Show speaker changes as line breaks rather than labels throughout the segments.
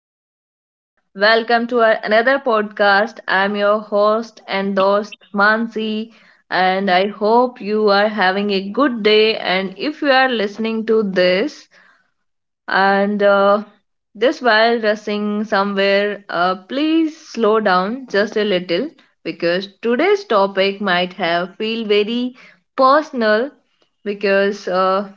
everyone, welcome to another podcast. I'm your host and host Mansi, and I hope you are having a good day. And if you are listening to this and this while rushing somewhere, please slow down just a little because today's topic might have feel very personal because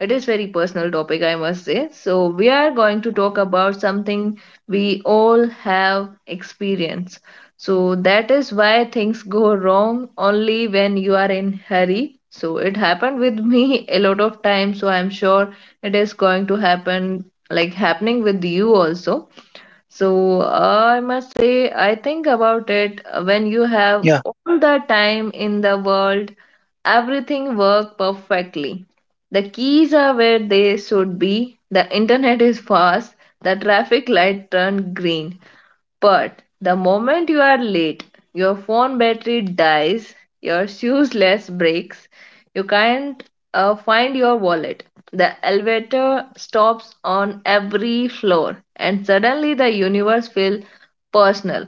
it is very personal topic, I must say. So we are going to talk about something we all have experienced. So that is why things go wrong only when you are in hurry. So it happened with me a lot of times, so I'm sure it is going to happen like happening with you also. So I must say, I think about it when you
Yeah.
have all the time in the world, everything work perfectly. The keys are where they should be. The internet is fast. The traffic light turned green. But the moment you are late, your phone battery dies, your shoes less breaks, you can't find your wallet. The elevator stops on every floor, and suddenly the universe feels personal.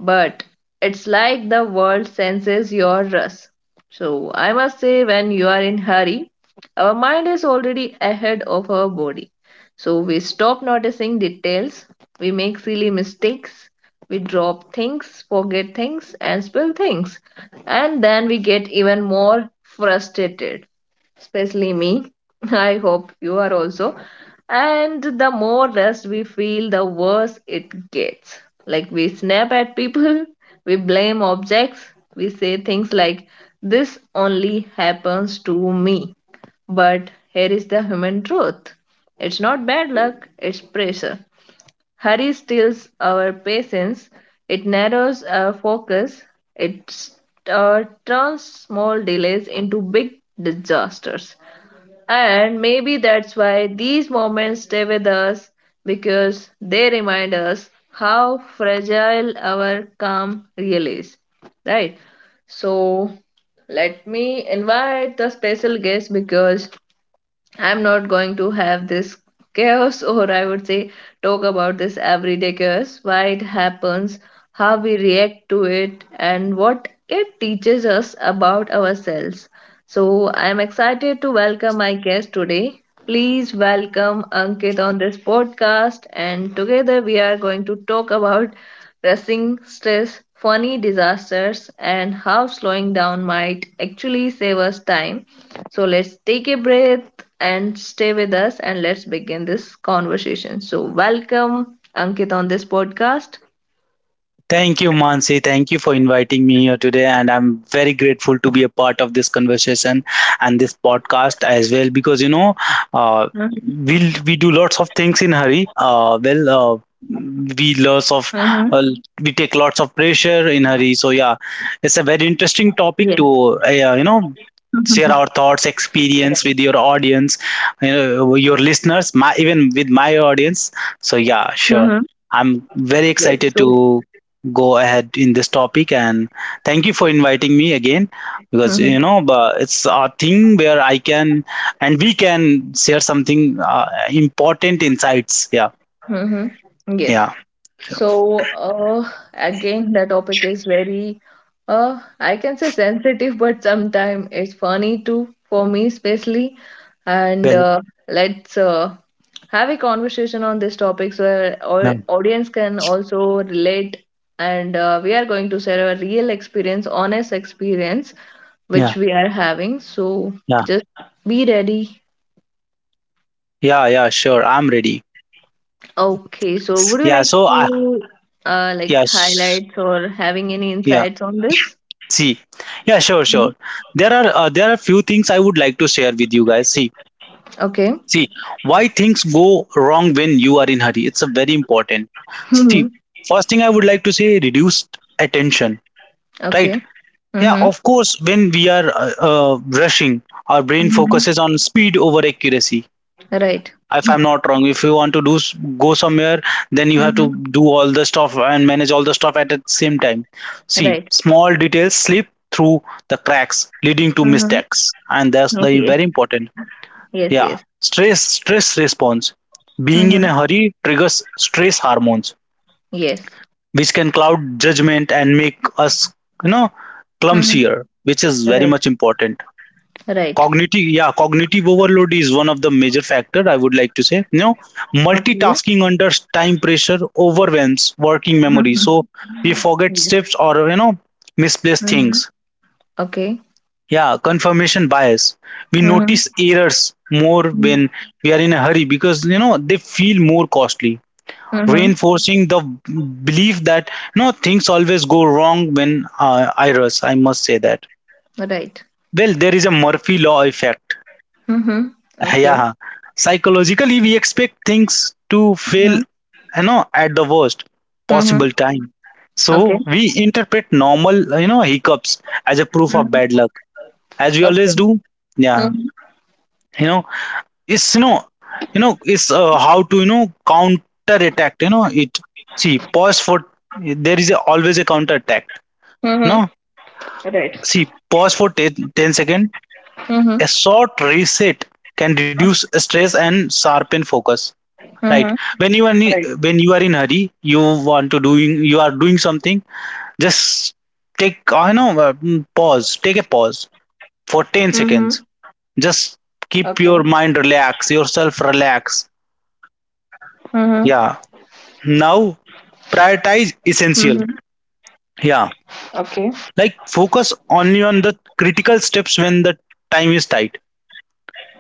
But it's like the world senses your rush. So I must say, when you are in hurry, our mind is already ahead of our body. So we stop noticing details, we make silly mistakes, we drop things, forget things, and spill things. And then we get even more frustrated, especially me. I hope you are also. And the more rest we feel, the worse it gets. Like we snap at people, we blame objects, we say things like, "This only happens to me." But here is the human truth, it's not bad luck, it's pressure. Hurry steals our patience, it narrows our focus, it turns small delays into big disasters. And maybe that's why these moments stay with us because they remind us how fragile our calm really is. Right? So, let me invite the special guest because I'm not going to have this chaos, or I would say, talk about this everyday chaos, why it happens, how we react to it, and what it teaches us about ourselves. So, I'm excited to welcome my guest today. Please welcome Ankit on this podcast, and together we are going to talk about pressing stress, funny disasters, and how slowing down might actually save us time. So let's take a breath and stay with us and let's begin this conversation. So, welcome Ankit on this podcast.
Thank you, Mansi. Thank you for inviting me here today. And I'm very grateful to be a part of this conversation and this podcast as well, because, you know, uh,
Mm-hmm.
we do lots of things in hurry. We
Mm-hmm.
lots of uh, we take lots of pressure in hurry. So yeah, it's a very
Yes.
interesting topic to yeah,
Mhm.
share our
Right.
thoughts, experience with your audience, you know, your listeners, my even with my audience. So
Mm-hmm.
yeah, sure. I'm
Yes.
very
So,
excited to go ahead in this topic and thank you for inviting me again because you
mm-hmm.
know it's a thing where I can and we can share something important insights. Yeah,
Mm-hmm. Yes.
yeah, sure.
So, again, the topic is very, I can say sensitive, but sometimes it's funny too, for me especially. And
Well,
let's have a conversation on this topic so
yeah,
our audience can also relate. And we are going to share a real experience, honest experience,
yeah,
which we are having. So
yeah,
just be ready.
yeah, yeah, sure. I'm ready.
Okay, so would you
Yeah,
like
so I,
to like
yes,
highlights or having any
yeah.
insights on this?
See, yeah, sure,
Mhm.
sure. There are few things I would like to share with you guys. See,
Okay.
See, why things go wrong when you are in hurry. It's a very important. See,
Mhm.
first thing I would like to say, reduced attention, right?
Okay.
Yeah,
Mm-hmm.
of course, when we are rushing, our brain
Mhm.
focuses on speed over accuracy.
Right.
If I'm not wrong, if you want to do go somewhere, then you have
Mm-hmm.
to do all the stuff and manage all the stuff at the same time. See,
Right.
small details slip through the cracks, leading to
Mm-hmm.
mistakes, and that's the
Yes.
very important.
Yes.
Yeah,
Yes.
stress response. Being in a
Mm-hmm.
hurry triggers stress hormones,
Yes.
which can cloud judgment and make us, you know,
Mm-hmm.
clumsier, which is very
Right.
much important.
Right.
Cognitive overload is one of the major factor I would like to say. You know,
Okay.
multitasking under time pressure overwhelms working memory,
Mm-hmm.
so we forget
Yes.
steps or you know misplace
Mm-hmm.
things.
Okay.
Yeah, confirmation bias. We
Mm-hmm.
notice errors more when we are in a hurry because you know they feel more costly,
Mm-hmm.
reinforcing the belief that no things always go wrong when I rush. I must say that.
Right.
Well, there is a Murphy law effect.
Mm-hmm. Okay.
Yeah, psychologically we expect things to fail,
Mm-hmm.
you know, at the worst
Mm-hmm.
possible time.
Okay.
So we interpret normal, you know, hiccups as a proof of bad
Mm-hmm.
luck, as we
Okay.
always do. Yeah,
Mm-hmm.
you know it's you know you know it's how to you know counter attack you know it, see pause for there is a, always a counter attack you know,
Mm-hmm. Right.
see pause for 10 seconds,
Mm-hmm.
a short reset can reduce stress and sharpen focus, right?
Mm-hmm.
When you are,
Right.
when you are in hurry you want to doing you are doing something, just take I know mm, pause take a pause for
Mm-hmm.
10 seconds,
Okay.
just keep your mind relax yourself relax,
Mm-hmm.
yeah. Now
Mm-hmm.
prioritize essential.
Okay.
Yeah. Like focus only on the critical steps when the time is tight.
Mm-hmm.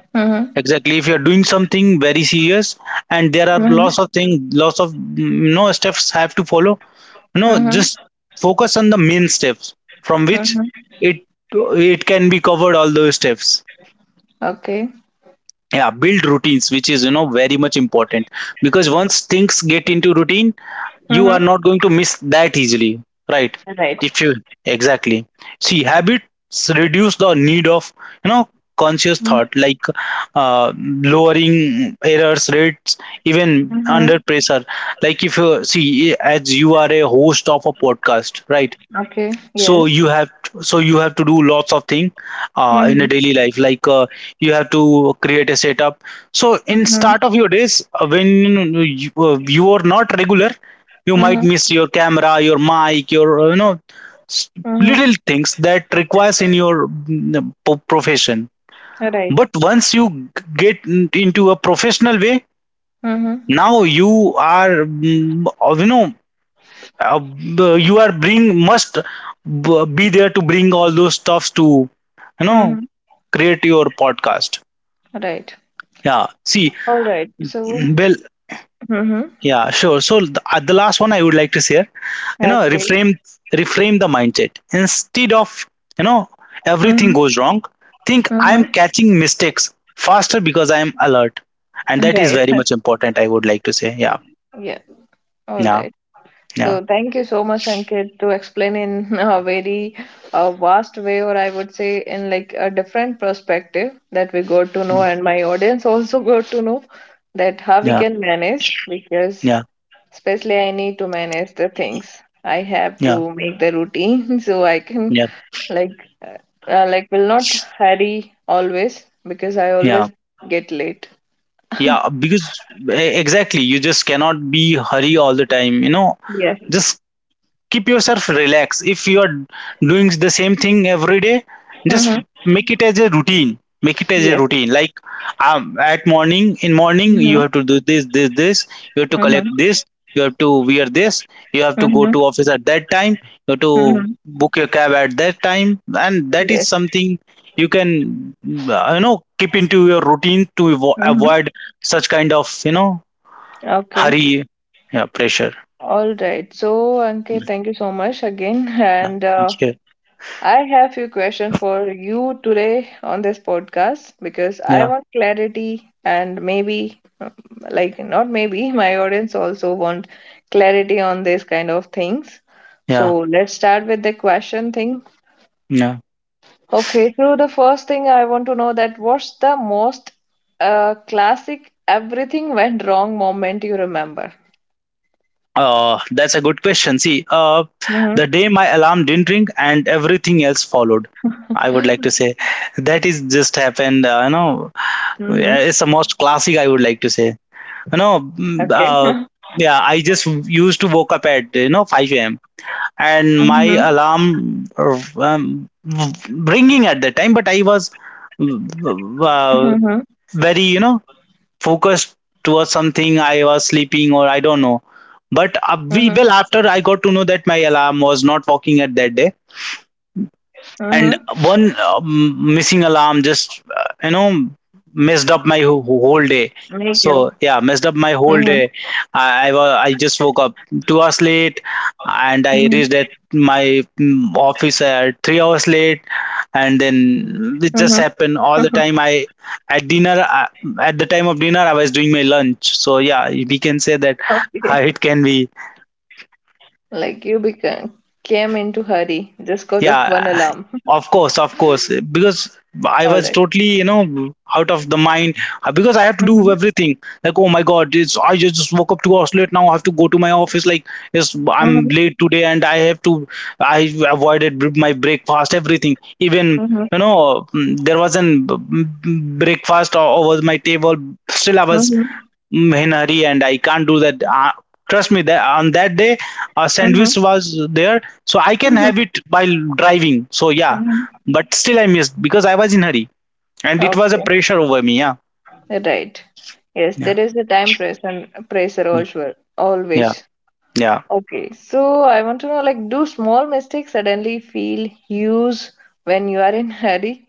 Exactly. If you're doing something very serious and there are
Mm-hmm.
lots of things, lots of no steps have to follow. No, just
Mm-hmm.
focus on the main steps from which
Mm-hmm.
it it can be covered all those steps.
Okay.
Yeah, build routines, which is you know very much important because once things get into routine, you are
Mm-hmm.
not going to miss that easily, right?
Right.
If you exactly see habits reduce the need of you know conscious thought like lowering errors rates even
Mm-hmm.
under pressure, like if you see as you are a host of a podcast, right?
Okay.
so
Yes.
you have so you have to do lots of thing in a
Mm-hmm.
daily life like you have to create a setup, so in
Mm-hmm.
start of your days when you are not regular you might
Mm-hmm.
miss your camera your mic your s-
Mm-hmm.
little things that requires in your profession,
Right.
but once you into a professional way
Mm-hmm.
now you are you know uh, you are bring must be there to bring all those stuffs to you know
Mm-hmm.
create your podcast,
Right.
yeah. see
All right. So.
well
Mm-hmm.
Yeah, sure, so the last one I would like to share, you know,
Okay.
reframe the mindset instead of you know
Mm-hmm.
everything goes wrong, think I am
Mm-hmm.
catching mistakes faster because I am alert, and that is
Right.
very much important I would like to say. Yeah
Yeah. All
yeah
right.
yeah
So thank you so much, Ankit, to explain in a very vast way, or I would say in like a different perspective that we got to
mm,
know, and my audience also got to know that how we
yeah
can manage because
yeah
especially, I need to manage the things. I have
yeah
to make the routine so I can
yeah
like will not hurry always because I
yeah
always get late.
yeah Because exactly you just cannot be hurry all the time you know,
Yes.
just keep yourself relaxed if you are doing the same thing every day, just
Mm-hmm.
make it as a routine make it as a
Yes.
routine, like um, at morning in morning you
Mm-hmm.
have to do this this this, you have to collect
Mm-hmm.
this, you have to wear this, you have to go
Mm-hmm.
to office at that time, you have to
Mm-hmm.
book your cab at that time, and that is
Yes.
something you can you know keep into your routine to
Mm-hmm.
avoid such kind of you know
Okay.
hurry, yeah, pressure.
All right. So, Ankit, thank you so much again. And
yeah
I have few questions for you today on this podcast because I
yeah
want clarity and maybe like not maybe my audience also want clarity on these kind of things.
yeah
So let's start with the question thing.
Yeah.
Okay, so the first thing I want to know, that what's the most classic everything went wrong moment you remember?
That's a good question. See, the
Mm-hmm.
day my alarm didn't ring and everything else followed, I would like to say that is just happened. You know,
Mm-hmm.
it's the most classic. I would like to say. You know,
Okay.
yeah. I just used to woke up at you know five a.m.
Mm-hmm.
and my alarm ringing at that time, but I was
Mm-hmm.
uh, very you know focused towards something, I was sleeping or I don't know, but
Mm-hmm.
we well after I got to know that my alarm was not working at that day,
Mm-hmm.
and one missing alarm just you know messed up my
Thank you.
whole day, so
Mm-hmm.
yeah messed up my whole day. I just woke up 2 hours late,
Mm-hmm.
and I reached at my office at 3 hours late, and
Mm-hmm.
then it just happened all the time. I at dinner I, at the time of dinner I was doing my lunch, so yeah we can
Okay,
say that it can be
like you became came into hurry just cause of one alarm.
yeah. Of course, because
All right.
I was totally, you know, out of the mind because I had to do everything. Like, oh my God, it's I just woke up 2 hours late. Now I have to go to my office. Like, yes, I'm
Mhm.
late today, and I have to. I avoided my breakfast, everything. Even
Mhm.
you know, there was an breakfast over my table. Still, I was
Mhm.
In a hurry and I can't do that. Trust me, that on that day, a sandwich
Mhm.
was there, so I can
Mhm.
have it by driving. So yeah,
Mhm.
but still I missed because I was in hurry and it was a
Okay,
pressure over me. Yeah,
right. Yes,
yeah,
there is the time pressure, pressure also,
yeah,
always.
yeah.
Okay, so I want to know, like, do small mistakes suddenly feel huge when you are in hurry?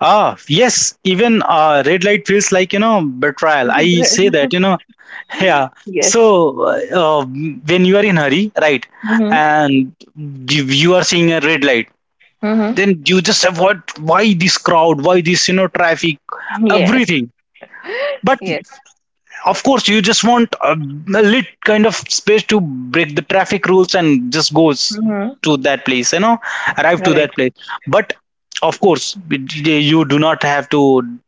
Ah, yes, even red light feels like you know betrayal.
If you
I say
try-
that you know, yeah. So
Yes.
when you are in hurry, right,
Mm-hmm.
and you are seeing a red light,
Mm-hmm.
then you just have what why this crowd why this you know traffic
Yes.
everything, but
Yes.
of course you just want a lit kind of space to break the traffic rules and just goes
Mm-hmm.
to that place you know arrive to
Right.
that place, but of course it- you do not have to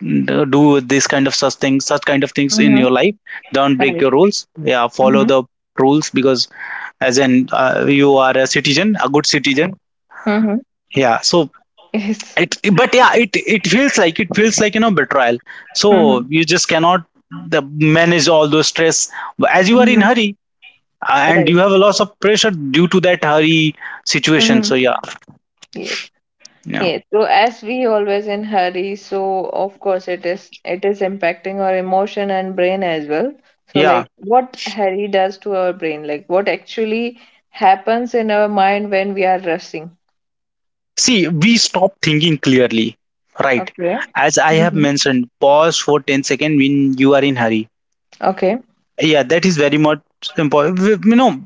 do this kind of such kind of things in
Mm-hmm.
your life, don't break your
Right.
rules, yeah, follow
Mm-hmm.
the rules because as an you are a citizen a good citizen,
Mm-hmm.
yeah, so
Yes.
it but yeah it feels like it feels like you know betrayal, so
Mm-hmm.
you just cannot the manage all those stress as you are in
Mm-hmm.
hurry, and
Right.
you have a lot of pressure due to that hurry situation,
Mm-hmm.
so yeah
Yes.
yeah
Yeah, so as we always in hurry, so of course it is impacting our emotion and brain as well. So
yeah.
like what hurry does to our brain, like what actually happens in our mind when we are rushing.
See we stop thinking clearly, right?
Okay.
As I have
Mm-hmm.
mentioned pause for 10 seconds when you are in hurry.
Okay.
Yeah, that is very much important. You know,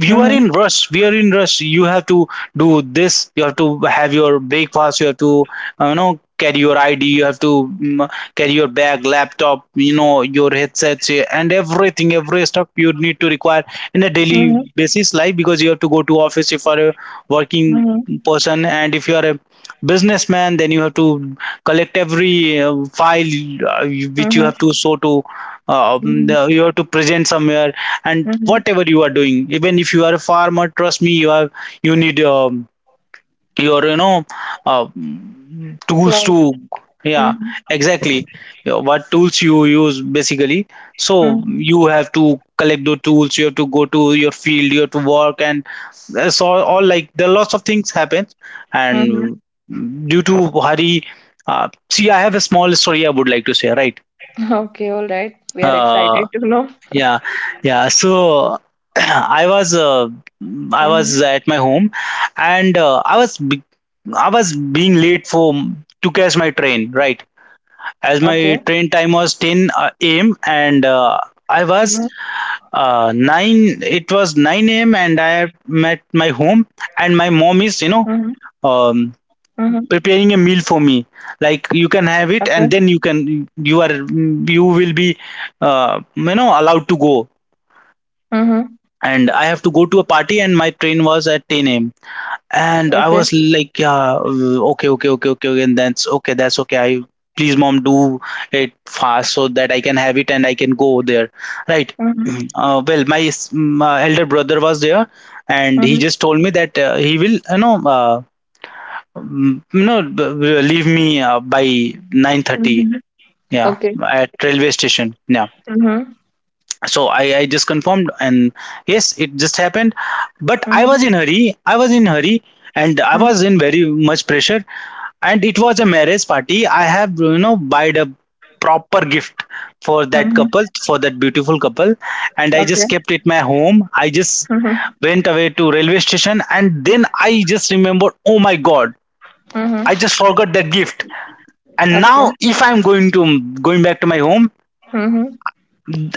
you are
Mm-hmm.
in rush. We are in rush. You have to do this. You have to have your breakfast. You have to, you know, carry your ID. You have to carry your bag, laptop. You know, your headsets and everything, every stuff you need to require in a daily
Mm-hmm.
basis life because you have to go to office if you are a working
Mm-hmm.
person, and if you are a businessman then you have to collect every file which you have to show to
Mm-hmm.
you have to present somewhere, and
Mm-hmm.
whatever you are doing even if you are a farmer trust me you have you need your you know uh, tools to
Cloud.
yeah
Mm-hmm.
exactly. You know, what tools you use basically, so
Mm-hmm.
you have to collect the tools you have to go to your field you have to work, and that's all like there are lots of things happen
Mm-hmm.
and due to hurry, see I have a small story I would like to say, right?
Okay, all right. We are
Uh,
excited to know.
yeah, yeah. So I was uh, I
Mm-hmm.
was at my home, and I was being late for to catch my train. Right,
Okay.
as my train time was 10 a.m. and
Mm-hmm.
I was nine. It was 9 a.m., and I met my home, and my
Mm-hmm.
mom is
Mm-hmm.
um, preparing a meal for me. Like you
Okay.
can have it, and then you will be allowed to go,
Mm-hmm.
and I have to go to a party, and my train was at 10 a.m.
Okay.
And I was like, yeah, okay, okay, okay, okay, okay, and that's okay, that's okay. I, please Mom, do it fast so that I can have it and I can go there, right?
Mm-hmm.
Well, my elder brother was there, and he just told me that he will leave me by 9:30.
Mhm.
Yeah,
Okay.
at railway station. Yeah,
Mhm.
so I just confirmed, and yes, it just happened. But I was
Mhm.
in hurry, I was in hurry, and I
Mhm.
was in very much pressure. And it was a marriage party. I have bought a proper gift for that
Mhm.
couple, for that beautiful couple, and I
Okay.
just kept it my home. I just
Mhm.
went away to railway station, and then I just remembered, oh my god,
Mhm.
I just forgot that gift. And
Okay.
now if I'm going back to my home,
Mhm.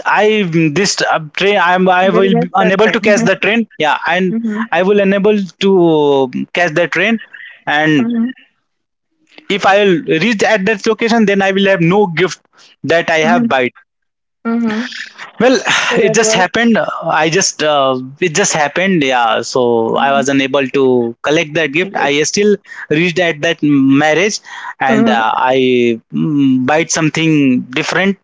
I this train I'm I
Very
will
well
be
said.
unable to catch
Mhm.
the train. Yeah, and
Mhm.
I will unable to catch the train. And
Mhm.
if I will reach at that location, then I will have no gift that I
Mhm.
have buy.
Mhm.
Well,
So
it
that
just
was.
happened. I just It just happened. Yeah, so I was
Mhm.
unable to collect that gift.
Yes.
I still reached at that marriage, and
Mhm.
I bite something different.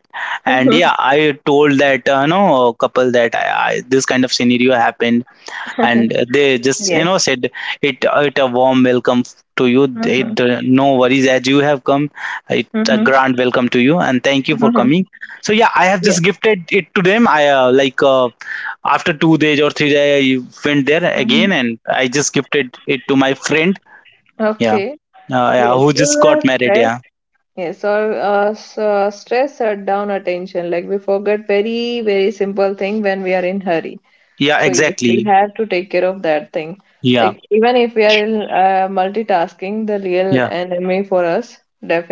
And
Mhm.
yeah, I told that no couple that this kind of scenario happened, and they just
Yes.
said, it a warm welcome to you.
Mhm.
It no worries, as you have come. It a
Mhm.
grand welcome to you, and thank you for
Mhm.
coming. So yeah, I have
Yes.
just gifted it to them. I like After 2 days or 3 days, I went there again,
Mhm.
and I just gifted it to my friend, yeah,
Okay.
yeah,
Yes.
who
So
just got married,
stress.
yeah.
Yes. Or so stress shut down attention. Like we forget very very simple thing when we are in hurry.
Yeah,
So yes, we
exactly.
have to take care of that thing.
Yeah,
Like even if we are in multitasking, the real
yeah,
enemy for us,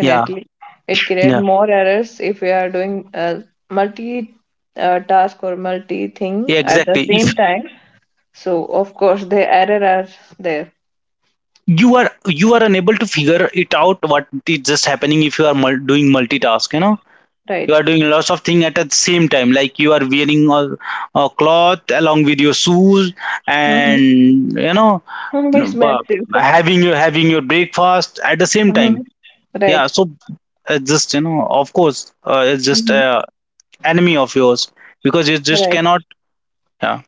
yeah,
it creates
yeah,
more errors if we are doing multi task or multi thing
yeah,
at the
exactly. If
same time. So of course the error are there,
you are unable to figure it out what is just happening, if you are doing multitask, you know, you
right?
are doing lots of things at the same time, like you are wearing a cloth along with your shoes,
Mm-hmm.
and
It's
uh,
massive.
having your breakfast at the same
Hmm.
time. Yeah,
Right.
so just, of course, it's just
Mm-hmm.
enemy of yours, because you just
Right.
cannot. Yeah,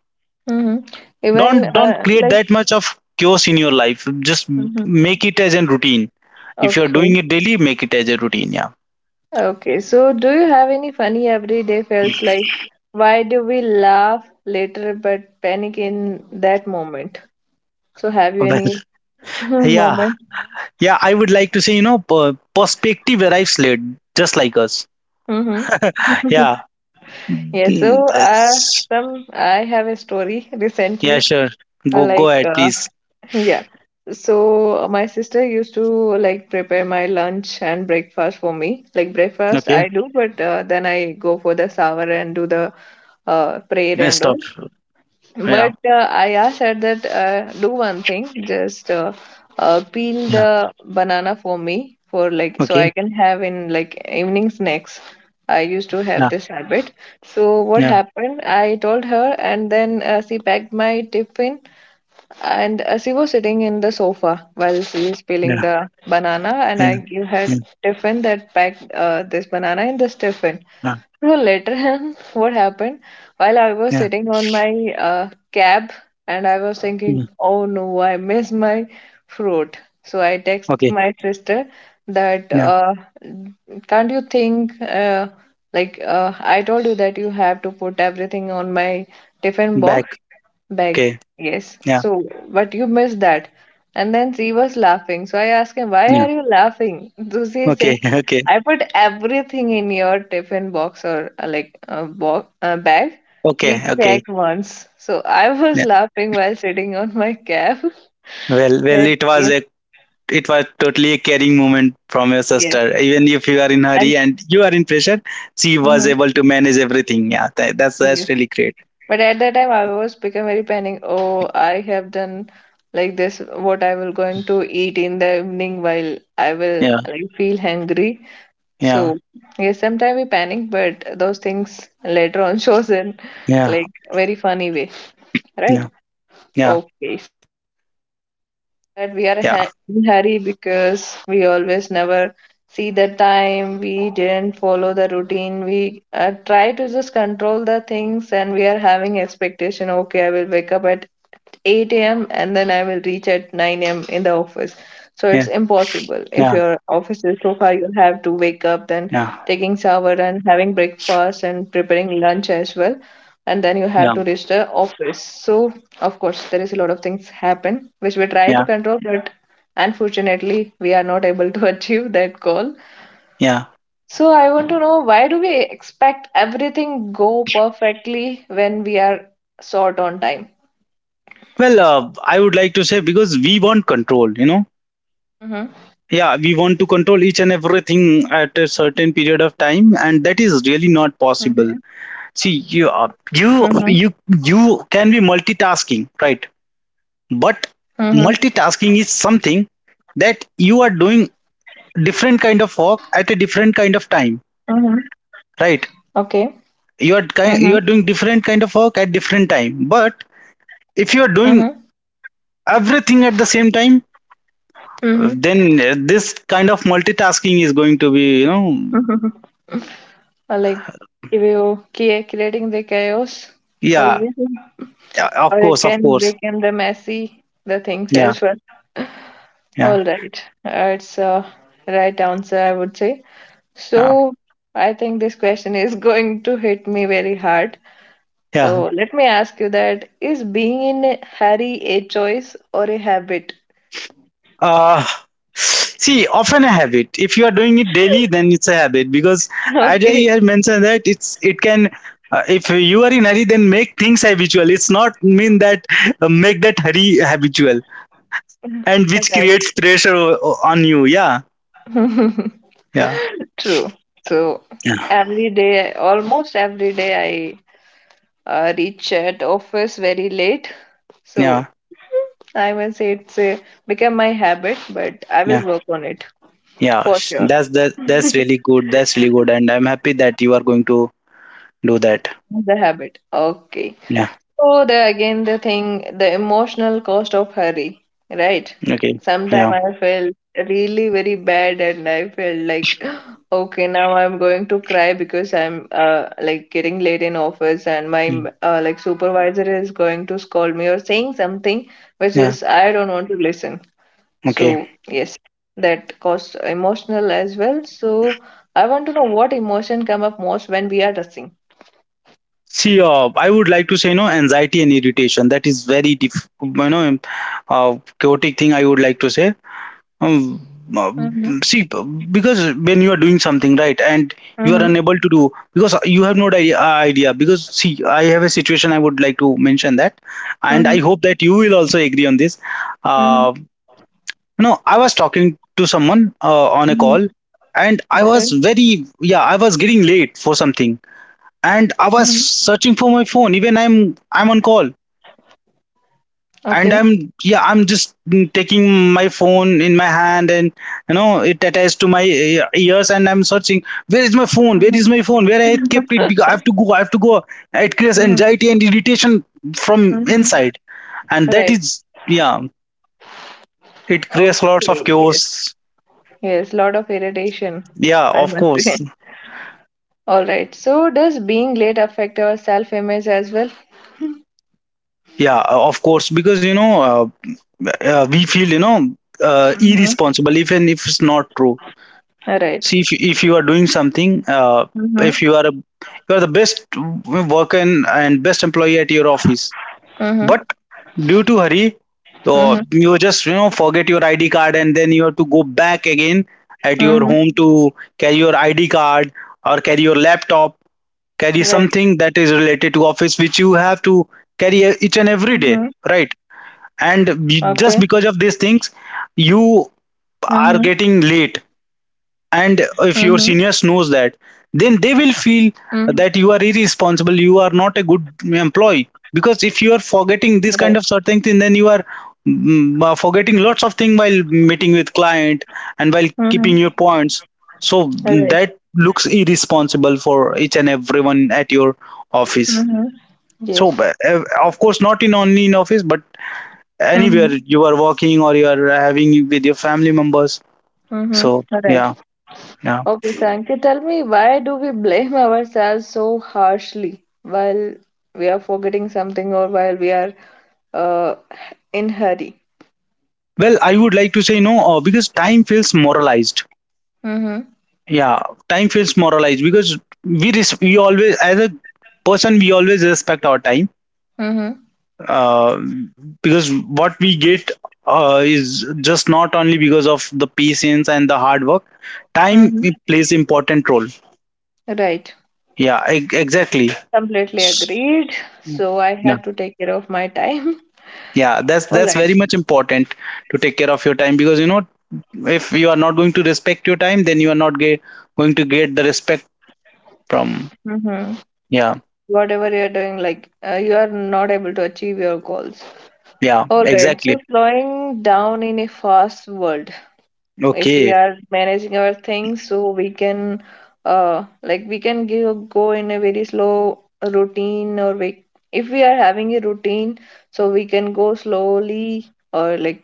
Mm-hmm. Even
don't create
like.
that much of chaos in your life. Just
Mm-hmm.
make it as a routine. If you're doing it daily, make it as a routine. Yeah.
Okay, so do you have any funny everyday fails like why do we laugh later but panic in that moment? So have you
Well,
any
yeah,
moment?
yeah, I would like to say, perspective arrives late, just like us.
Hmm.
Yeah.
Yeah,
Mm,
so
that's-
some I have a story
Yeah,
recently.
sure. go
uh,
go
Like
ahead,
uh,
please.
yeah, so my sister used to like prepare my lunch and breakfast for me. Like breakfast
Okay.
I do, but then I go for the shower and do the
Yeah,
prayer
stop.
and all.
Yeah,
But I asked her that do one thing, just peel
yeah.
the banana for me for like so
Okay.
I can have in like evening snacks. I used to
Yeah,
have this habit. So what
yeah,
happened? I told her, and then she packed my tiffin and she was sitting in the sofa while she is
yeah,
peeling the banana,
yeah,
and I give
yeah,
her tiffin that packed this banana in this tiffin.
yeah,
So later on, what happened? While I was
yeah,
sitting on my cab, and I was
yeah.
thinking, "Oh no, I miss my fruit." So I text
Okay,
my sister that,
now
"Can't you think I told you that you have to put everything on my tiffin
back.
box?" Beg,
Okay,
yes.
yeah,
So, but you missed that. And then she was laughing. So I asked him, "Why
yeah.
are you laughing?" So she is
Okay.
saying,
Okay.
"I put everything in your tiffin box or like a bo bag.
Okay,
Please
okay.
check once." So I was
Yeah.
laughing while sitting on my cab.
well well
That, yes,
it was totally a caring moment from your
yes.
sister. Even if you are in
And
hurry and you are in pressure, she was
mhm,
able to manage everything. Yeah, that's
yes.
really great.
But at that time, I was become very panic. Oh, I have done like this. What I will going to eat in the evening while I will
Yeah,
like feel hungry.
yeah,
So yes, sometimes we panic, but those things later on shows in
yeah,
like very funny way, right?
yeah, yeah,
Okay, that we are
yeah,
ha- in hurry because we always never see the time. We didn't follow the routine. We try to just control the things, and we are having expectation. Okay, I will wake up at 8 a.m. and then I will reach at 9 a.m. in the office. So
yeah,
it's impossible. If
yeah,
your office is so far, you'll have to wake up, then
yeah,
taking shower and having breakfast and preparing lunch as well. And then you have
yeah,
to reach the office. So of course, there is a lot of things happen which we try to
yeah,
control, but unfortunately, we are not able to achieve that goal.
yeah.
So I want to know why do we expect everything go perfectly when we are short on time?
Well, I would like to say, because we want control, you know. Yeah, we want to control each and everything at a certain period of time, and that is really
Mhm.
not possible. See, you
Mhm.
are, you you you can be multitasking, right?
Mhm.
But multitasking is something that you are doing different kind of work at a different kind of
Mm-hmm.
time,
Okay.
right?
Mhm.
You are doing different kind of work at different time, but if you
Mhm.
are doing everything at the same time,
Mhm.
then this kind of multitasking is going to be, you know.
Mm-hmm. Or like if you cre- creating the chaos for
Yeah.
you,
Yeah, of
or it
course, of
can
course.
become the messy the things
Yeah,
as well.
yeah,
All right, it's a right answer, I would say.
yeah,
So I think this question is going to hit me very hard.
yeah.
So let me ask you that: Is being in a hurry a choice or a habit?
Uh, See, often a habit. If you are doing it daily, then it's a habit, because as I had mentioned that it's it can. If you are in hurry, then make things habitual. It's not mean that make that hurry habitual, and which
Okay,
creates pressure on you. Yeah,
right.
yeah,
True. So
yeah,
every day, almost every day, I reach at office very late.
yeah,
So I must say it's a, become my habit, but I
yeah.
will work on it
Yeah.
for sure.
That's that. That's
The
really good. That's really good, and I'm happy that you are going to do that.
habit. Okay.
Yeah.
So the again the thing, the emotional cost of hurry, right?
Okay. Yeah.
Sometimes I felt really very bad and I felt like okay, now I'm going to cry because I'm like getting late in office, and my
Mm.
like supervisor is going to scold me or saying something which
Yeah.
is I don't want to listen.
Okay.
So yes, that cost emotional as well. So I want to know what emotion come up most when we are rushing.
See, I would like to say, anxiety and irritation. That is very chaotic thing. I would like to say. Um, uh,
Mm-hmm.
See, because when you are doing something right, and you are
Mm-hmm.
unable to do because you have no idea. Because see, I have a situation. I would like to mention that, and I hope that you will also agree on this.
Mm-hmm.
Uh, I was talking to someone on a
Mm-hmm.
call, and yeah, I was getting late for something, and I was
Mm-hmm.
searching for my phone. Even I'm on call, and
Okay.
I'm just taking my phone in my hand, and you know it attached to my ears, and I'm searching, where is my phone? Where
Mm-hmm.
is my phone? Where I kept it? Because I have to go. I have to go. It creates anxiety and irritation from
Mm-hmm.
inside, and that
Right.
is, yeah, it creates lots of
Okay, yes.
chaos.
Yes. Lot of irritation.
Yeah,
I
of
must say.
course.
All right. So does being late affect our self-image as well?
Yeah, of course, because, we feel,
Mm-hmm.
irresponsible, even if it's not true.
All right.
See, if you are doing something, if
Mm-hmm.
you are the best worker, and best employee at your office,
Mm-hmm.
but due to hurry, or
Mm-hmm.
you just forget your ID card, and then you have to go back again at your
Mm-hmm.
home to carry your ID card, or carry your laptop, carry
Right.
something that is related to office, which you have to carry each and
Mm-hmm.
every day, right?
Okay.
And just because of these things,
Mm-hmm.
you are getting late.
Mm-hmm.
And if your seniors knows that, then they
Mm.
will feel that you are irresponsible, you are not a good employee, because if you are
Right.
forgetting this kind of certain thing, then you are forgetting lots of things while meeting with client, and while
Mm-hmm.
keeping your points. So
All right.
that looks irresponsible for each and everyone at your office.
Mm-hmm.
So
Yes.
but, of course, not in only in office, but anywhere
Mm-hmm.
you are working or you are having with your family members.
Mm-hmm.
So
All right.
yeah, yeah.
Okay, Sankey, tell me why do we blame ourselves so harshly while we are forgetting something or while we are uh, in hurry?
Well, I would like to say no, because time feels moralized.
Mm-hmm.
Yeah, time feels moralized, because we always, as a person, we always respect our time,
Mm-hmm.
uh, because what we get is just not only because of the patience and the hard work. Time,
Mm-hmm.
it plays important role.
Right.
Yeah, exactly.
Completely
S-
agreed. So I
Yeah,
have to take care of my time.
yeah, that's
All
that's
right.
very much important to take care of your time, because if you are not going to respect your time, then you are not going to get the respect. From,
Mm-hmm.
yeah,
Whatever you are doing, like you are not able to achieve your goals.
yeah,
All right. So
exactly.
slowing down in a fast world. If we
Okay,
are managing our things, so we can like we can give, go in a very slow routine, or we, if we are having a routine, so we can go slowly, or like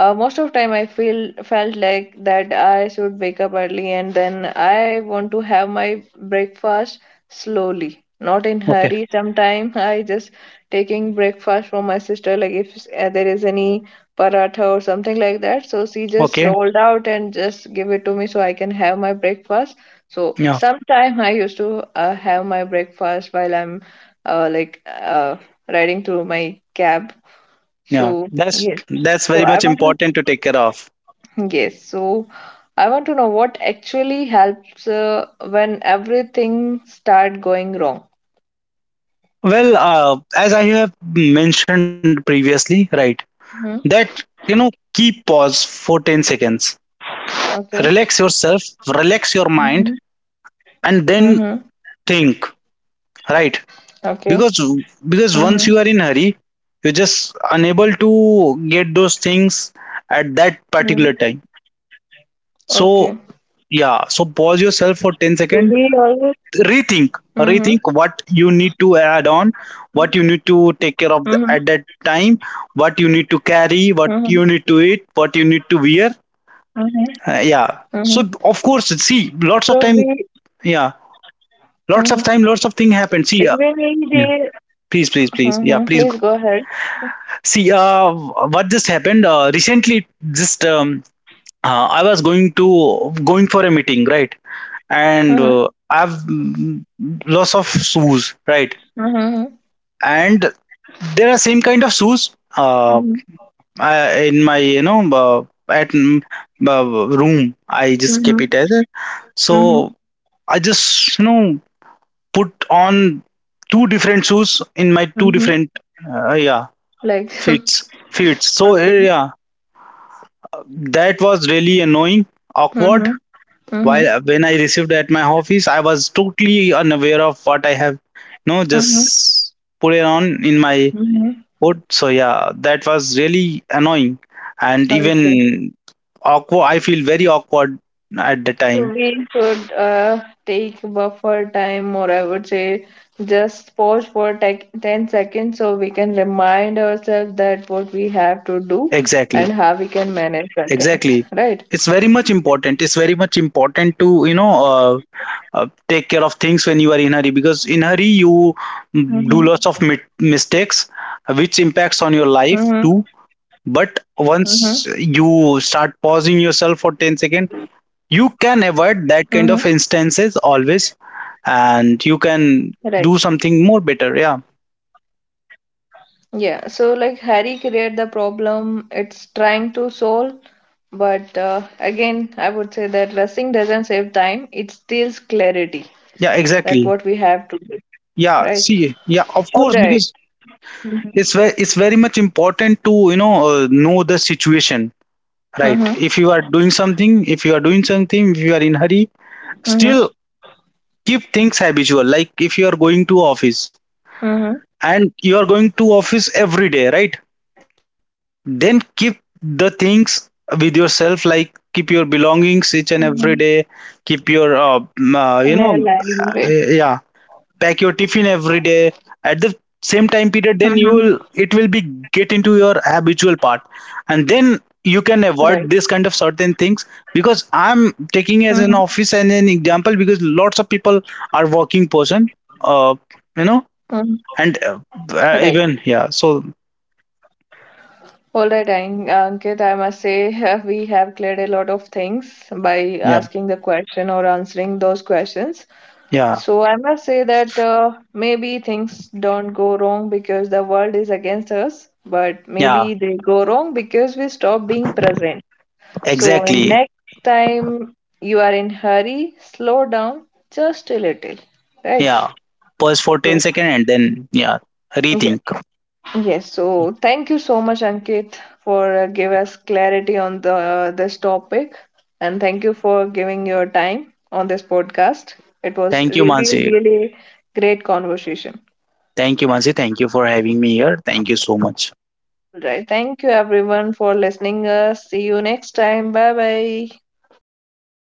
most of time I feel felt like that I should wake up early, and then I want to have my breakfast slowly, not in
okay,
hurry. Sometimes I just taking breakfast from my sister, like if there is any paratha or something like that, so she just
okay.
rolled out and just give it to me so I can have my breakfast. So
Yeah,
sometime I used to have my breakfast while I'm uh, like uh, riding to my cab. So
yeah. That's
yes,
that's
so
very
I
much
want to,
important to take care of.
yes, so I want to know what actually helps when everything start going wrong.
Well, as I have mentioned previously, right, that,
Hmm.
you know, keep pause for 10 seconds,
Okay.
relax yourself, relax your mind,
Mhm.
and then
Mm-hmm.
think, right?
Okay.
Because
Mm-hmm.
because once you are in hurry, you're just unable to get those things at that particular time.
Mhm.
So
Okay.
yeah, so pause yourself for 10 seconds,
So we always.
rethink,
Mm-hmm.
rethink what you need to add on, what you need to take care of, the,
Mm-hmm.
at that time, what you need to carry, what
Mm-hmm.
you need to eat, what you need to wear.
Mhm.
Yeah, so
Mm-hmm.
of course, see, lots of
So
time,
we.
yeah, lots of time,
Mm-hmm.
lots of thing happen, see,
Like when we
yeah,
they.
please, please, please, yeah,
Mm-hmm.
please go.
Please go ahead.
See, what just happened recently, just I was going for a meeting, right? And
Mm-hmm.
I've lots of shoes, right?
Mm-hmm.
And there are same kind of shoes, uh,
Mhm.
I, in my, at uh, room, I just kept it
Mhm.
as a.
Mm-hmm.
So I just put on two different shoes in my two
Mhm.
different, uh, yeah
Like.
fits, so
Okay.
yeah, that was really annoying, awkward.
Mm-hmm. Mm-hmm.
While when I received at my office, I was totally unaware of what I have,
Mhm.
just put it on in my
Mm-hmm.
food. So yeah, that was really annoying and even
Okay.
awkward. I feel very awkward at the time.
So we should take buffer time, or I would say just pause for 10 seconds, so we can remind ourselves that what we have to do
Exactly,
and how we can manage the things,
exactly.
right?
It's very much important. It's very much important to, uh, take care of things when you are in hurry, because in hurry you do lots of
Mm-hmm.
mistakes which impacts on your life
Mm-hmm.
too, but
Mm-hmm.
once you start pausing yourself for 10 seconds, you can avoid that kind of
Mm-hmm.
instances always, and you can
Right.
do something more better. Yeah.
Yeah. So, like, Harry created the problem it's trying to solve, but again, I would say that rushing doesn't save time, it steals clarity
Yeah, exactly.
that what we have to do,
Yeah,
right?
see, yeah, of course,
All
because
right. Mm-hmm.
it's very much important to, know the situation, right? If you are
Mm-hmm.
doing something, if you are doing something, if you are in hurry, still keep things habitual, like if you are going to office, and you
Mm-hmm.
are going to office every day, right? Then keep the things with yourself, like keep your belongings each and
Mm-hmm.
every day, keep your,
In a lively way.
yeah, pack your tiffin every day at the same time period.
Mm-hmm.
Then it will be, get into your habitual part, and then you
Right.
can avoid this kind of certain things, because I'm
Mm-hmm.
taking as an office and an example, because lots of people are working person, uh, you
Mm-hmm.
know, and
Right.
even, yeah, so
All right, Ankit, I must say we have cleared a lot of things by
yeah,
asking the question or answering those questions.
yeah.
So I must say that maybe things don't go wrong because the world is against us, but maybe
Yeah,
they go wrong because we stop being present. So
exactly.
next time you are in hurry, slow down just a little, right?
Yeah, pause for
So
10 seconds and then, yeah,
yeah,
rethink.
yes. So thank you so much, Ankit, for give us clarity on the this topic, and thank you for giving your time on this podcast. It was
Thank you,
really,
Mansi.
really great conversation.
Thank you, Mansi. Thank you for having me here. Thank you so much.
Right. Thank you everyone for listening us. See you next time. Bye bye.